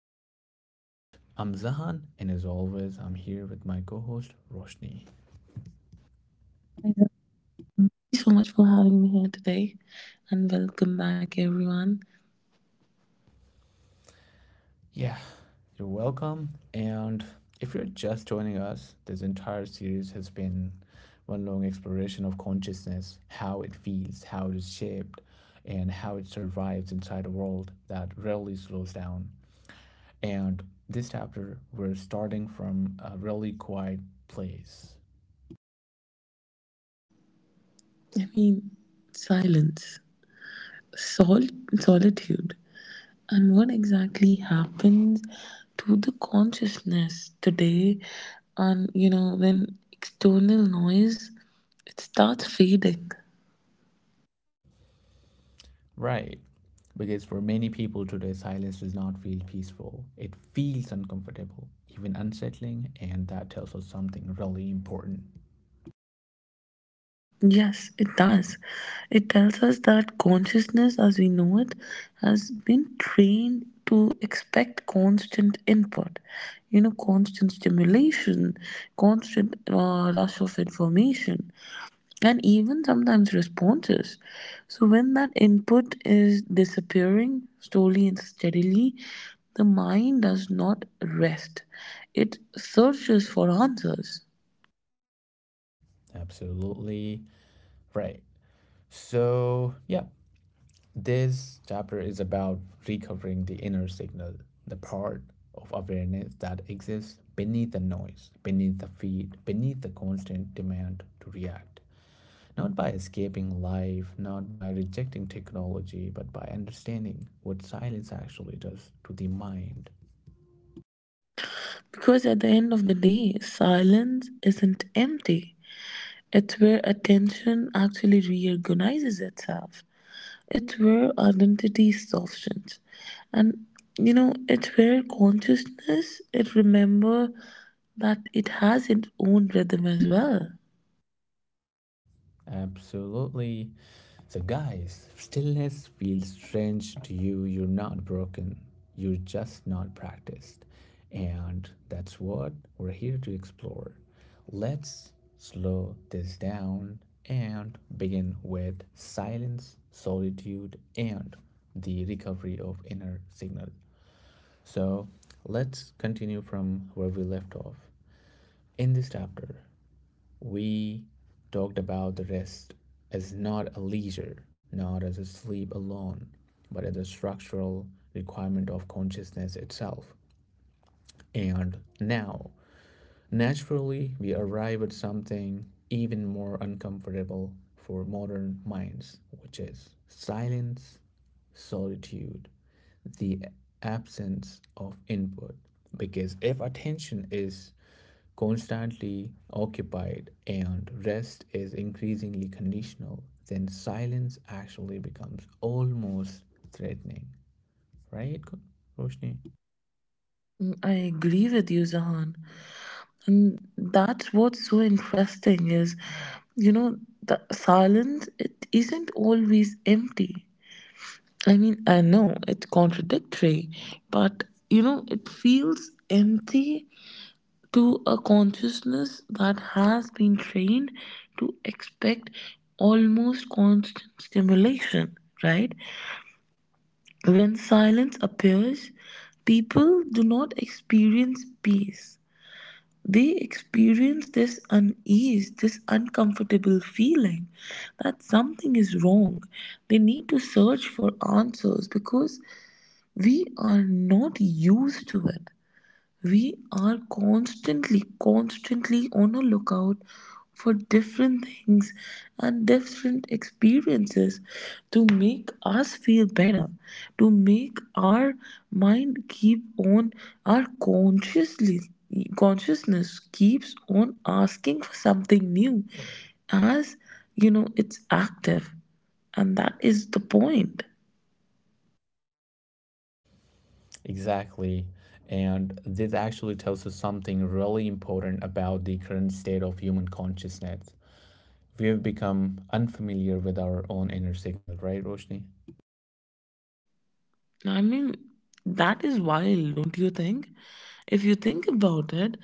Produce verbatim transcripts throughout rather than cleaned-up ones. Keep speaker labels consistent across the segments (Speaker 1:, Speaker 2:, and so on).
Speaker 1: back to the podcast. I'm Zahan, and as always, I'm here with my co host, Roshni.
Speaker 2: Exactly. Thank you so much for having me here today and welcome back everyone.
Speaker 1: Yeah, you're welcome. And if you're just joining us, this entire series has been one long exploration of consciousness, how it feels, how it is shaped, and how it survives inside a world that rarely slows down. And this chapter, we're starting from a really quiet place.
Speaker 2: I mean, Silence, sol- solitude, and what exactly happens to the consciousness today? And you know when external noise it starts fading.
Speaker 1: Right. Because for many people today, silence does not feel peaceful. It feels uncomfortable, even unsettling, and that tells us something really important.
Speaker 2: Yes, it does. It tells us that consciousness as we know it has been trained to expect constant input, you know, constant stimulation, constant uh, rush of information, and even sometimes responses. So, when that input is disappearing slowly and steadily, the mind does not rest, it searches for answers.
Speaker 1: Absolutely right. So, yeah, this chapter is about recovering the inner signal, the part of awareness that exists beneath the noise, beneath the feed, beneath the constant demand to react, not by escaping life, not by rejecting technology, but by understanding what silence actually does to the mind.
Speaker 2: Because at the end of the day, silence isn't empty. It's where attention actually reorganizes itself. It's where identity softens. And you know, it's where consciousness it remember that it has its own rhythm as well.
Speaker 1: Absolutely. So, guys, stillness feels strange to you. You're not broken, you're just not practiced. And that's what we're here to explore. Let's slow this down and begin with silence, solitude, and the recovery of inner signal. So let's continue from where we left off. In this chapter, we talked about the rest as not a leisure, not as a sleep alone, but as a structural requirement of consciousness itself. And now naturally, we arrive at something even more uncomfortable for modern minds, which is silence, solitude, the absence of input. Because if attention is constantly occupied and rest is increasingly conditional, then silence actually becomes almost threatening. Right, Roshni?
Speaker 2: Mm, I agree with you, Zahan. And that's what's so interesting is, you know, the silence it isn't always empty. I mean, I know it's contradictory, but you know, it feels empty to a consciousness that has been trained to expect almost constant stimulation, right? When silence appears, people do not experience peace. They experience this unease, this uncomfortable feeling that something is wrong. They need to search for answers because we are not used to it. We are constantly constantly on a lookout for different things and different experiences to make us feel better, to make our mind keep on, our consciously consciousness keeps on asking for something new as you know it's active, and that is the point.
Speaker 1: Exactly. And this actually tells us something really important about the current state of human consciousness. We have become unfamiliar with our own inner signal, right, Roshni?
Speaker 2: I mean, that is wild, don't you think? If you think about it,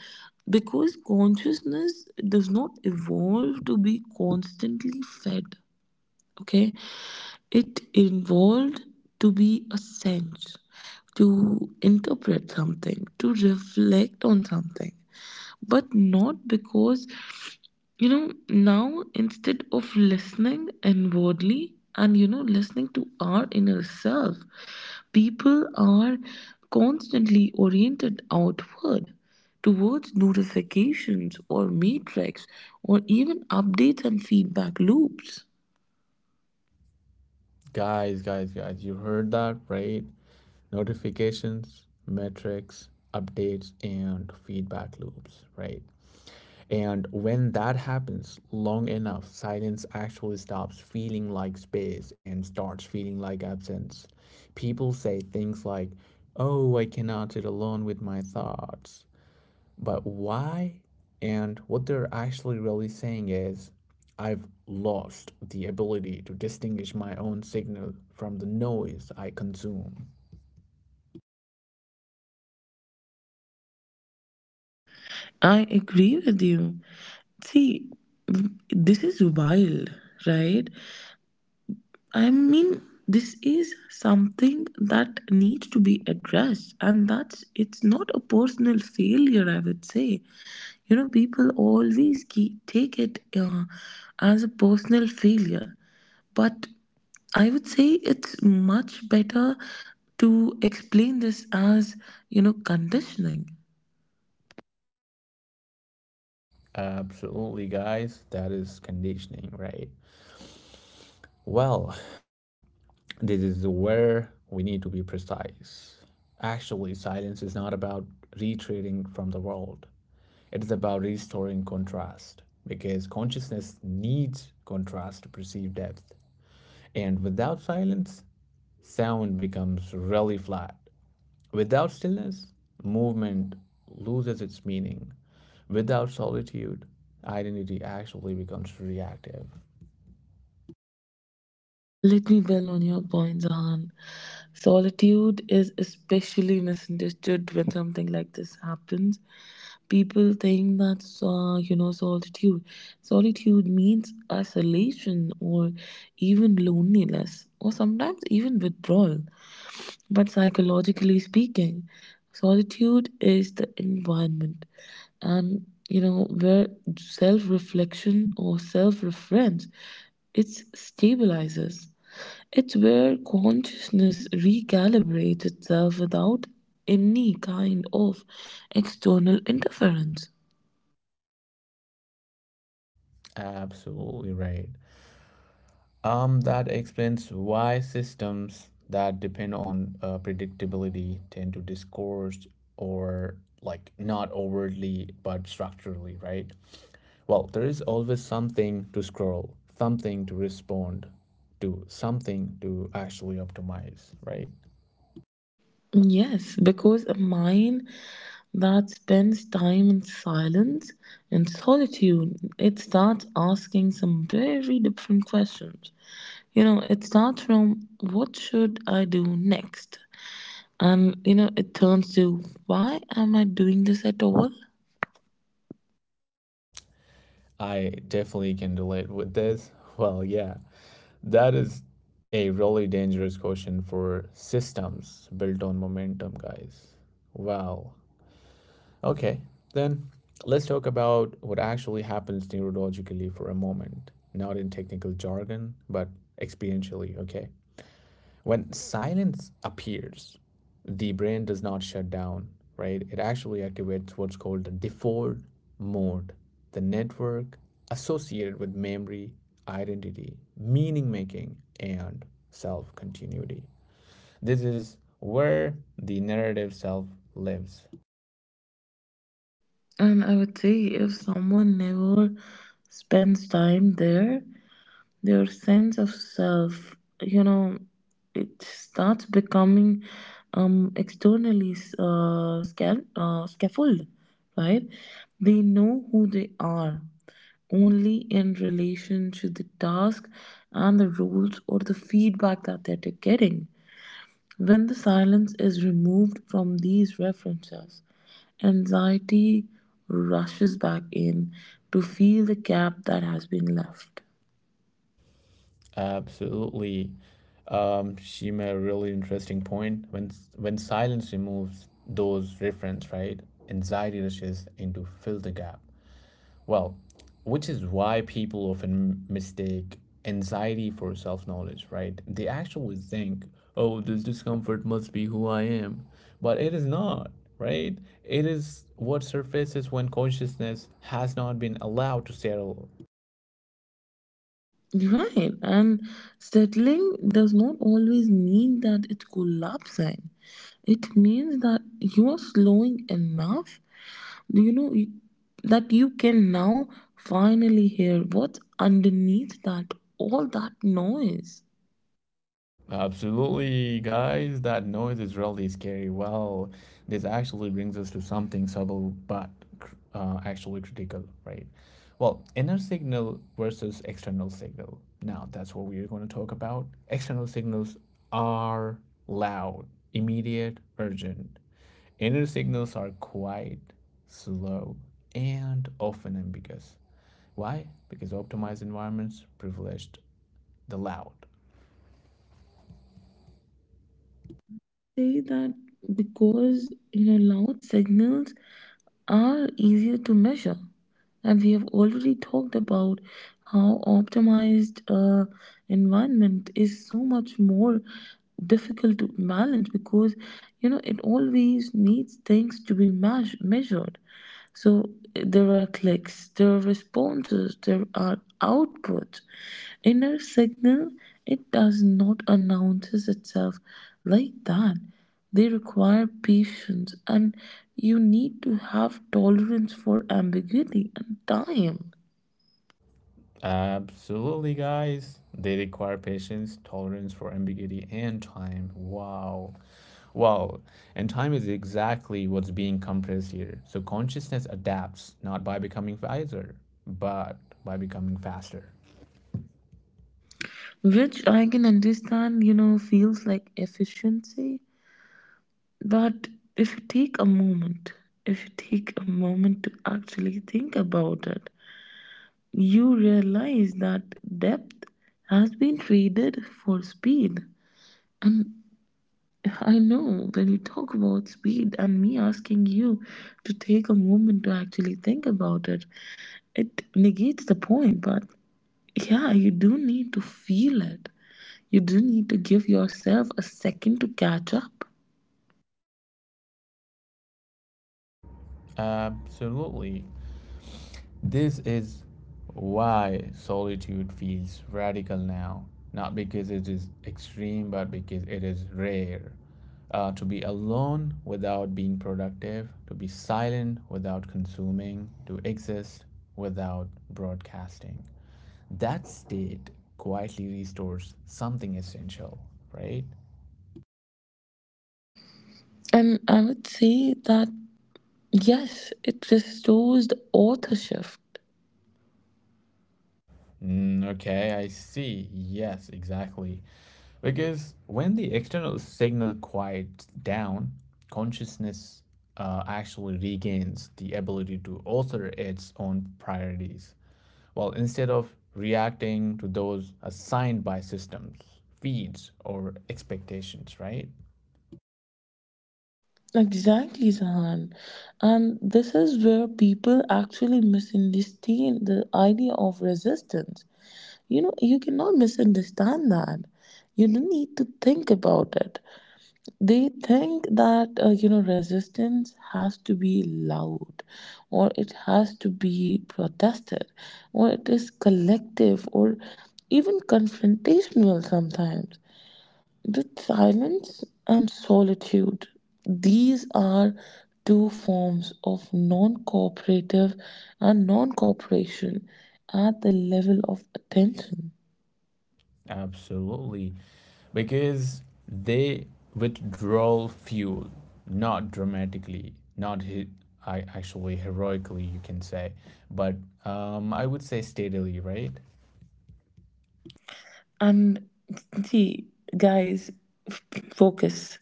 Speaker 2: because consciousness does not evolve to be constantly fed, okay? It evolved to be a sense, to interpret something, to reflect on something, but not because you know now, instead of listening inwardly and you know listening to our inner self, people are constantly oriented outward towards notifications or metrics or even updates and feedback loops.
Speaker 1: Guys, guys, guys, you heard that, right? Notifications, metrics, updates, and feedback loops, right? And when that happens long enough, silence actually stops feeling like space and starts feeling like absence. People say things like, "Oh, I cannot sit alone with my thoughts." But why? And what they're actually really saying is, "I've lost the ability to distinguish my own signal from the noise I consume."
Speaker 2: I agree with you. See, w- this is wild, right? I mean, this is something that needs to be addressed, and that's, it's not a personal failure, I would say. You know, people always keep, take it uh, as a personal failure, but I would say it's much better to explain this as you know conditioning.
Speaker 1: Absolutely, guys. That is conditioning, right? Well, this is where we need to be precise. Actually, silence is not about retreating from the world, it is about restoring contrast because consciousness needs contrast to perceive depth. And without silence, sound becomes really flat. Without stillness, movement loses its meaning. Without solitude, identity actually becomes reactive.
Speaker 2: Let me build on your point, Zahan. Solitude is especially misunderstood when something like this happens. People think that, uh, you know, solitude. Solitude means isolation or even loneliness or sometimes even withdrawal. But psychologically speaking, solitude is the environment and you know where self-reflection or self-reference it stabilizes. It's where consciousness recalibrates itself without any kind of external interference.
Speaker 1: Absolutely right. Um, that explains why systems that depend on uh, predictability tend to discourse or like not overtly but structurally, right? Well, there is always something to scroll, something to respond to, something to actually optimize, right?
Speaker 2: Yes, because a mind that spends time in silence and solitude, it starts asking some very different questions. You know, it starts from what should I do next? And, you know, it turns to why am I doing this at all?
Speaker 1: I definitely can relate with this. Well, yeah, that is a really dangerous question for systems built on momentum, guys. Wow. Okay, then let's talk about what actually happens neurologically for a moment, not in technical jargon, but experientially, okay? When silence appears, the brain does not shut down, right? It actually activates what's called the default mode, the network associated with memory, identity, meaning making, and self continuity. This is where the narrative self lives.
Speaker 2: And I would say if someone never spends time there, their sense of self, you know it starts becoming um externally uh, scal- uh scaffold, right? They know who they are only in relation to the task and the rules or the feedback that they're getting. When the silence is removed from these references, anxiety rushes back in to fill the gap that has been left.
Speaker 1: Absolutely. Um, she made a really interesting point. When when silence removes those reference, right? Anxiety rushes in to fill the gap. Well, which is why people often mistake anxiety for self-knowledge, right? They actually think, "Oh, this discomfort must be who I am," but it is not, right? It is what surfaces when consciousness has not been allowed to settle.
Speaker 2: Right, and settling does not always mean that it's collapsing. It means that you are slowing enough, you know, y- that you can now finally hear what's underneath that all that noise.
Speaker 1: Absolutely, guys. That noise is really scary. Well, this actually brings us to something subtle but cr- uh, actually critical, right? Well, inner signal versus external signal. Now, that's what we're going to talk about. External signals are loud, immediate, urgent. Inner signals are quiet, slow, and often ambiguous. Why? Because optimized environments privileged the loud.
Speaker 2: Say that because you know loud signals are easier to measure, and we have already talked about how optimized uh, environment is so much more difficult to balance because you know it always needs things to be meas- measured. So eh, there are clicks, there are responses, there are outputs. Inner signal, it does not announces itself like that. They require patience, and you need to have tolerance for ambiguity and time,
Speaker 1: Absolutely, guys. They require patience, tolerance for ambiguity, and time. Wow. Wow. And time is exactly what's being compressed here. So consciousness adapts not by becoming wiser, but by becoming faster.
Speaker 2: which I can understand, you know, feels like efficiency. But if you take a moment, if you take a moment to actually think about it, you realize that depth has been traded for speed. And I know when you talk about speed and me asking you to take a moment to actually think about it, it negates the point. But yeah, you do need to feel it. You do need to give yourself a second to catch up.
Speaker 1: Absolutely. This is why solitude feels radical now, not because it is extreme, but because it is rare. Uh, to be alone without being productive, to be silent without consuming, to exist without broadcasting. That state quietly restores something essential, right?
Speaker 2: And I would say that yes, it restores the authorship.
Speaker 1: Mm, okay, I see. Yes, exactly. Because when the external signal quiets down, consciousness uh, actually regains the ability to alter its own priorities. Well, instead of reacting to those assigned by systems, feeds, or expectations, right?
Speaker 2: Exactly, Sahan. And this is where people actually misunderstand the idea of resistance. You know, you cannot misunderstand that. You don't need to think about it. They think that, uh, you know, resistance has to be loud, or it has to be protested, or it is collective, or even confrontational sometimes. The silence and solitude, these are two forms of non cooperative and non cooperation at the level of attention.
Speaker 1: Absolutely. Because they withdraw fuel, not dramatically, not he- I actually heroically, you can say, but um, I would say steadily, right?
Speaker 2: And see, guys, f- focus.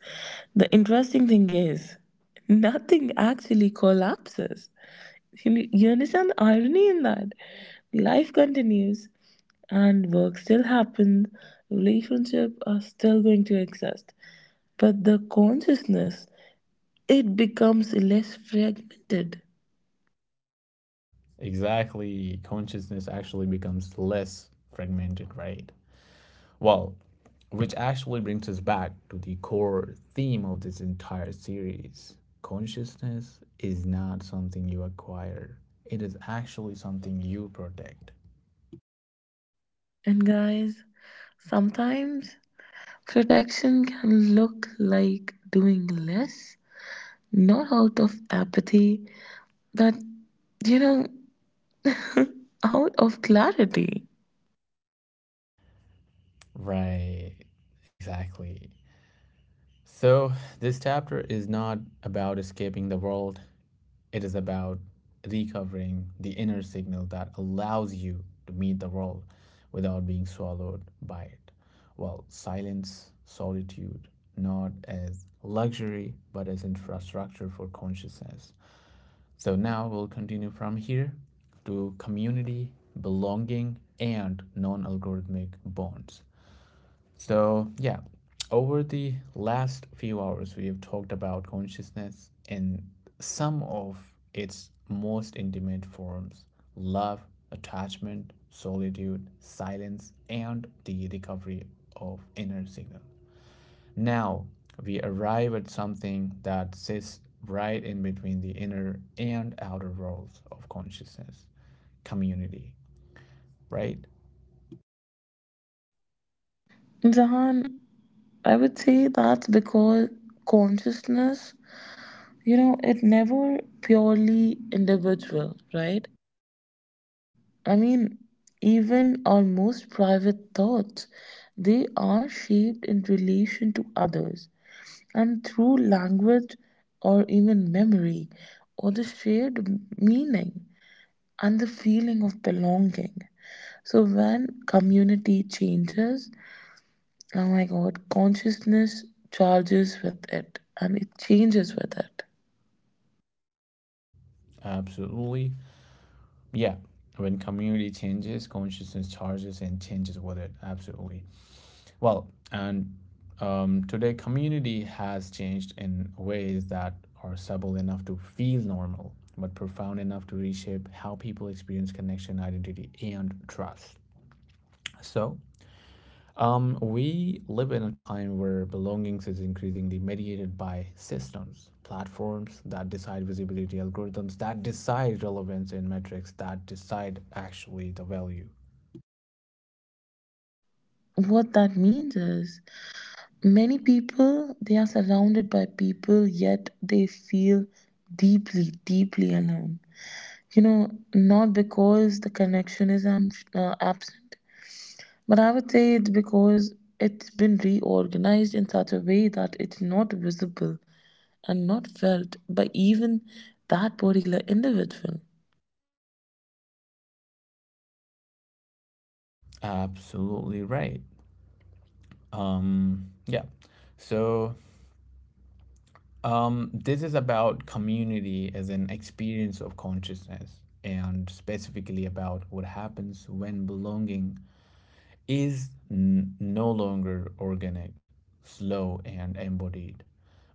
Speaker 2: The interesting thing is, nothing actually collapses. You, you understand the irony in that? Life continues and work still happens, relationships are still going to exist. But the consciousness, it becomes less fragmented.
Speaker 1: Exactly, consciousness actually becomes less fragmented, right? Well, which actually brings us back to the core theme of this entire series. Consciousness is not something you acquire, it is actually something you protect.
Speaker 2: And guys, sometimes protection can look like doing less, not out of apathy, but you know, out of clarity.
Speaker 1: Right, exactly. So, this chapter is not about escaping the world, it is about recovering the inner signal that allows you to meet the world without being swallowed by it. Well, silence, solitude, not as luxury, but as infrastructure for consciousness. So now we'll continue from here to community, belonging, and non algorithmic bonds. So, yeah, over the last few hours, we have talked about consciousness in some of its most intimate forms: love, attachment, solitude, silence, and the recovery of inner signal. Now, we arrive at something that sits right in between the inner and outer worlds of consciousness community, right?
Speaker 2: Jahan, I would say that's because consciousness, you know, it never purely individual, right? I mean, even our most private thoughts, they are shaped in relation to others and through language or even memory or the shared meaning and the feeling of belonging. So when community changes, oh my god, consciousness charges with it and it changes with it.
Speaker 1: Absolutely, yeah, when community changes, consciousness charges and changes with it. Absolutely. Well, and um, today community has changed in ways that are subtle enough to feel normal but profound enough to reshape how people experience connection, identity and trust. So um, we live in a time where belongings is increasingly mediated by systems, platforms that decide visibility, algorithms that decide relevance and metrics that decide actually the value.
Speaker 2: What that means is many people, they are surrounded by people, yet they feel deeply, deeply alone. You know, not because the connection is am- uh, absent, but I would say it's because it's been reorganized in such a way that it's not visible and not felt by even that particular individual.
Speaker 1: Absolutely right. Um, yeah. So, um, this is about community as an experience of consciousness and specifically about what happens when belonging is n- no longer organic, slow, and embodied,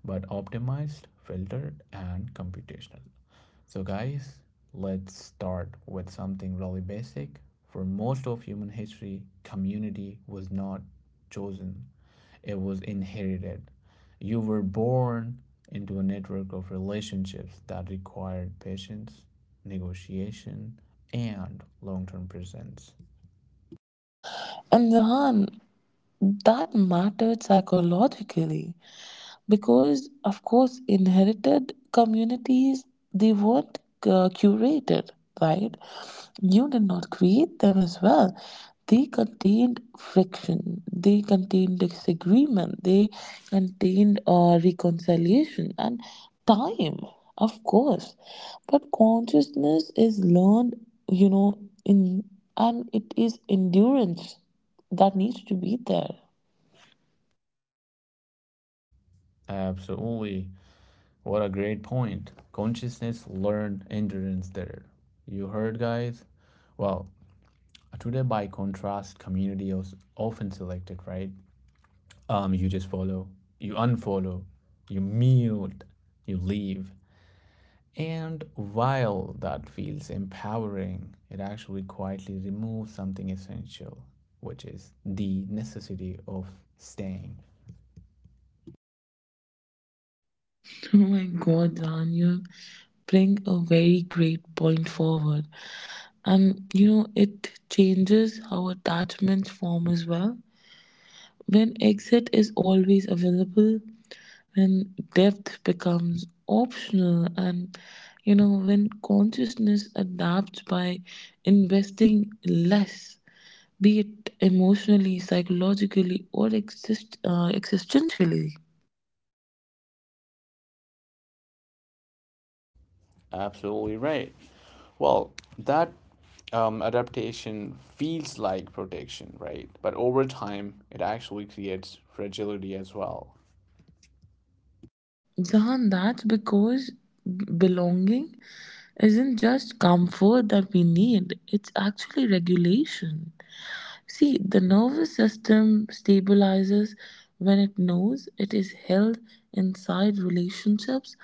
Speaker 1: but optimized, filtered, and computational. So, guys, let's start with something really basic. For most of human history, community was not chosen, it was inherited. You were born into a network of relationships that required patience, negotiation, and long term presence.
Speaker 2: And Rahan, that mattered psychologically. Because of course inherited communities, they weren't uh, curated, right? You did not create them as well. They contained friction, they contained disagreement, they contained uh, reconciliation and time, of course. But consciousness is learned, you know in and it is endurance that needs to be there.
Speaker 1: Absolutely. What a great point. Consciousness learned, endurance there. You heard, guys? Well, today, by contrast, community is often selected, right? Um, you just follow, you unfollow, you mute, you leave. And while that feels empowering, it actually quietly removes something essential, which is the necessity of staying.
Speaker 2: Oh my God, Dan, you bring a very great point forward. And you know, it changes how attachments form as well. When exit is always available, when depth becomes optional, and you know, when consciousness adapts by investing less, be it emotionally, psychologically, or exist, uh, existentially.
Speaker 1: Absolutely right. Well, that um, adaptation feels like protection, right? But over time, it actually creates fragility as well.
Speaker 2: Jahan, that's because belonging isn't just comfort that we need, it's actually regulation. See, the nervous system stabilizes when it knows it is held inside relationships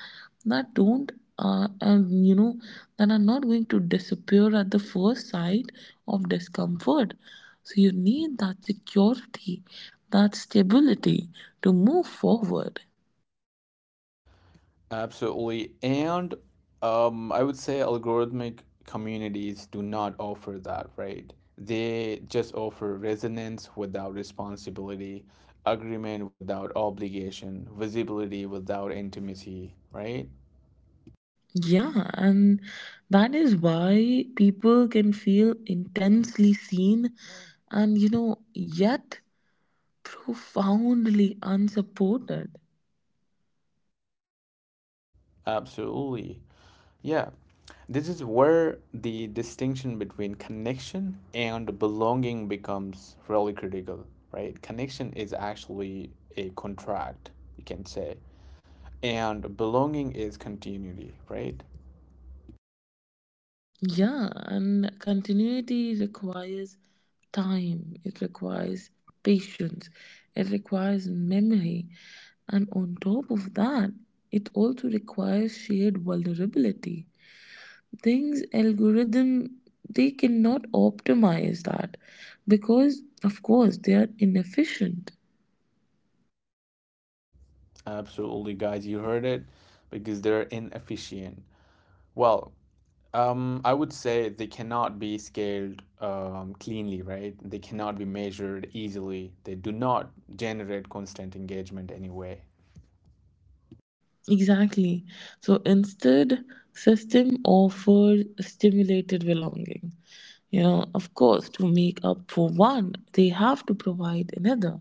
Speaker 2: that don't uh, and you know that are not going to disappear at the first sight of discomfort. So you need that security, that stability to move forward.
Speaker 1: Absolutely. And um, I would say algorithmic communities do not offer that, right? They just offer resonance without responsibility, agreement without obligation, visibility without intimacy, right?
Speaker 2: Yeah, and that is why people can feel intensely seen and, you know, yet profoundly unsupported.
Speaker 1: Absolutely. Yeah, this is where the distinction between connection and belonging becomes really critical, right? Connection is actually a contract, you can say, and belonging is continuity, right?
Speaker 2: Yeah, and continuity requires time, it requires patience, it requires memory, and on top of that, it also requires shared vulnerability. Things algorithm, they cannot optimize that because of course they are inefficient.
Speaker 1: Absolutely, guys, you heard it because they're inefficient. Well, um, I would say they cannot be scaled um, cleanly, right? They cannot be measured easily. They do not generate constant engagement anyway.
Speaker 2: Exactly. So instead, system offers stimulated belonging. You know, of course, to make up for one, they have to provide another,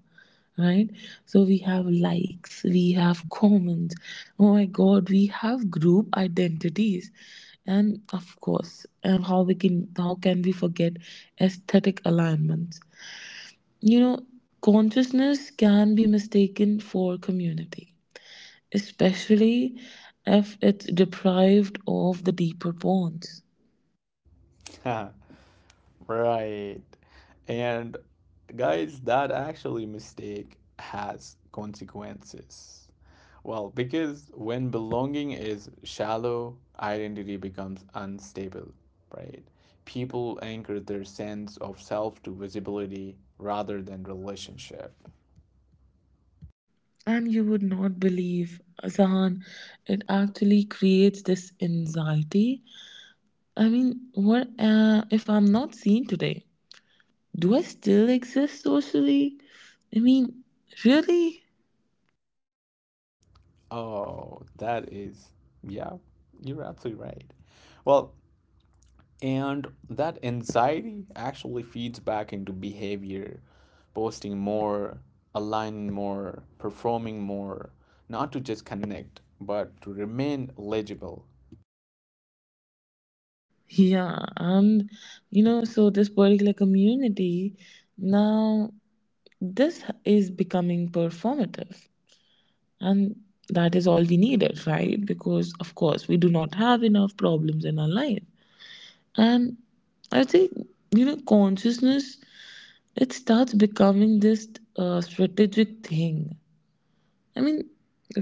Speaker 2: right? So we have likes, we have comments. Oh my God, we have group identities, and of course, uh, how we can how can we forget aesthetic alignments? You know, consciousness can be mistaken for community, especially if it's deprived of the deeper bonds.
Speaker 1: Right. And guys, that actually mistake has consequences. Well, because when belonging is shallow, identity becomes unstable, right? People anchor their sense of self to visibility rather than relationship.
Speaker 2: And you would not believe, Zahan, it actually creates this anxiety. I mean, what uh, if I'm not seen today? Do I still exist socially? I mean, really?
Speaker 1: Oh, that is, yeah, you're absolutely right. Well, and that anxiety actually feeds back into behavior, posting more, aligning more, performing more, not to just connect, but to remain legible.
Speaker 2: Yeah, and you know, so this particular community now, this is becoming performative. And that is all we needed, right? Because, of course, we do not have enough problems in our life. And I think, you know, consciousness, it starts becoming this uh, strategic thing. I mean,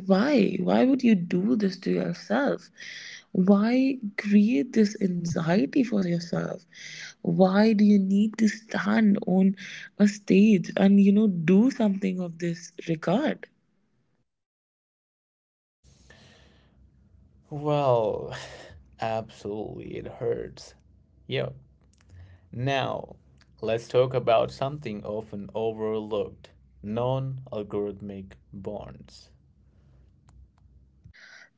Speaker 2: why? Why would you do this to yourself? Why create this anxiety for yourself? Why do you need to stand on a stage and, you know, do something of this regard?
Speaker 1: Well, absolutely, it hurts. Yo, now let's talk about something often overlooked: non algorithmic bonds.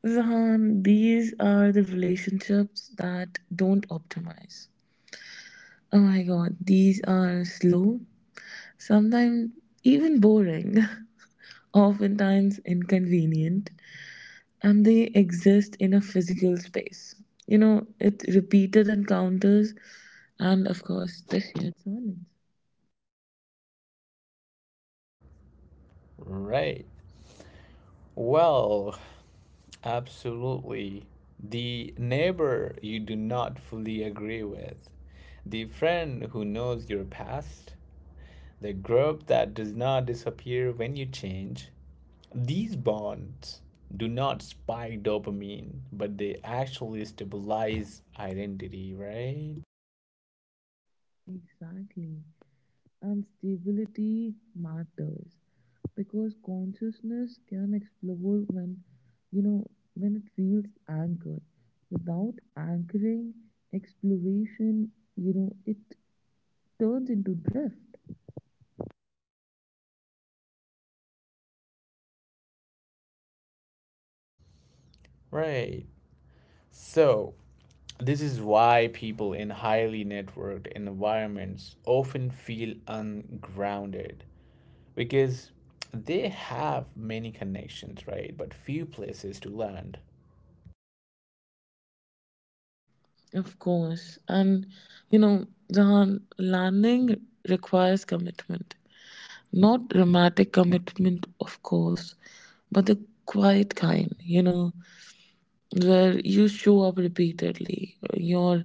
Speaker 2: Zahan, these are the relationships that don't optimize. Oh my god, these are slow, sometimes even boring, oftentimes inconvenient, and they exist in a physical space. You know, it's repeated encounters and, of course, the shared silence.
Speaker 1: Right. Well, absolutely. The neighbor you do not fully agree with, the friend who knows your past, the group that does not disappear when you change. These bonds do not spike dopamine, but they actually stabilize identity, right?
Speaker 2: Exactly. And stability matters because consciousness can explode when you know when it feels anchored. Without anchoring, exploration, you know it turns into drift.
Speaker 1: Right. So, this is why people in highly networked environments often feel ungrounded, because they have many connections, right? But few places to land.
Speaker 2: Of course. And, you know, Jahan, landing requires commitment. Not dramatic commitment, of course, but the quiet kind, you know, where you show up repeatedly. You're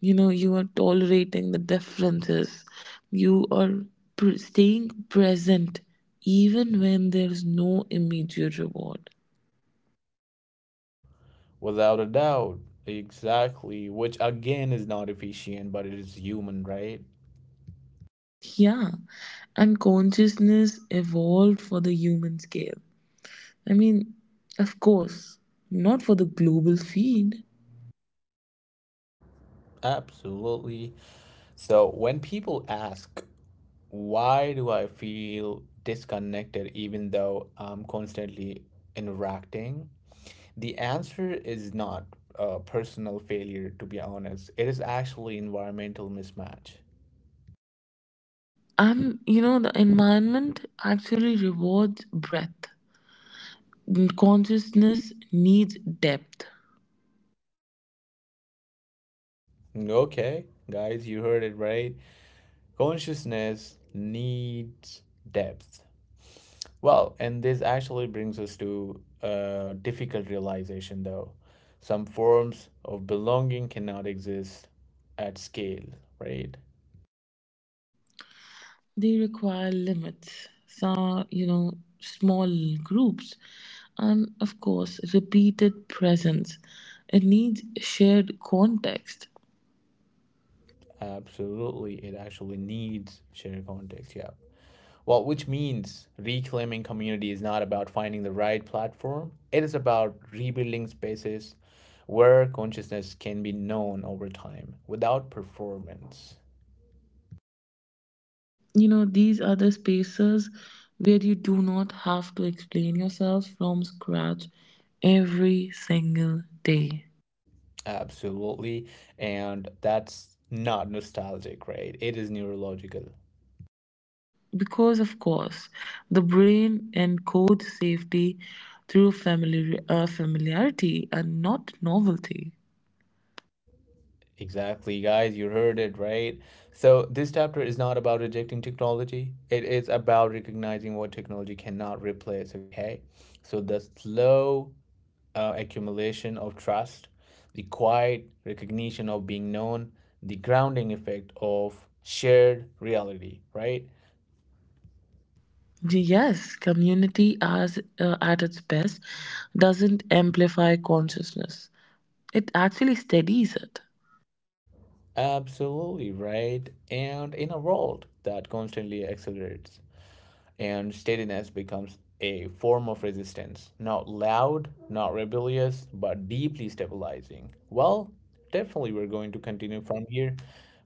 Speaker 2: you know You are tolerating the differences, you are pr- staying present even when there's no immediate reward.
Speaker 1: Without a doubt, exactly, which again is not efficient, but it is human, right?
Speaker 2: Yeah, and consciousness evolved for the human scale. I mean, of course, not for the global feed.
Speaker 1: Absolutely. So when people ask, "Why do I feel disconnected even though I'm constantly interacting?" The answer is not a personal failure, to be honest. It is actually environmental mismatch.
Speaker 2: I'm you know The environment actually rewards breadth, consciousness needs depth.
Speaker 1: Okay, guys, you heard it right. Consciousness needs depth. Well, and this actually brings us to a difficult realization, though. Some forms of belonging cannot exist at scale, right?
Speaker 2: They require limits, some, you know, small groups, and of course, repeated presence. It needs shared context.
Speaker 1: Absolutely, it actually needs shared context. Yeah. Well, which means reclaiming community is not about finding the right platform, it is about rebuilding spaces where consciousness can be known over time without performance.
Speaker 2: You know, these are the spaces where you do not have to explain yourself from scratch every single day.
Speaker 1: Absolutely. And that's not nostalgic, right? It is neurological.
Speaker 2: Because, of course, the brain encodes safety through familiar, uh, familiarity and not novelty.
Speaker 1: Exactly, guys. You heard it, right? So, this chapter is not about rejecting technology. It is about recognizing what technology cannot replace, okay? So, the slow uh, accumulation of trust, the quiet recognition of being known, the grounding effect of shared reality, right?
Speaker 2: Yes, community as uh, at its best doesn't amplify consciousness. It actually steadies it.
Speaker 1: Absolutely right. And in a world that constantly accelerates, and steadiness becomes a form of resistance, not loud, not rebellious, but deeply stabilizing. Well, definitely we're going to continue from here.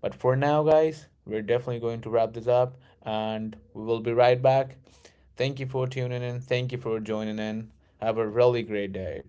Speaker 1: But for now, guys, we're definitely going to wrap this up and we will be right back. Thank you for tuning in. Thank you for joining in. Have a really great day.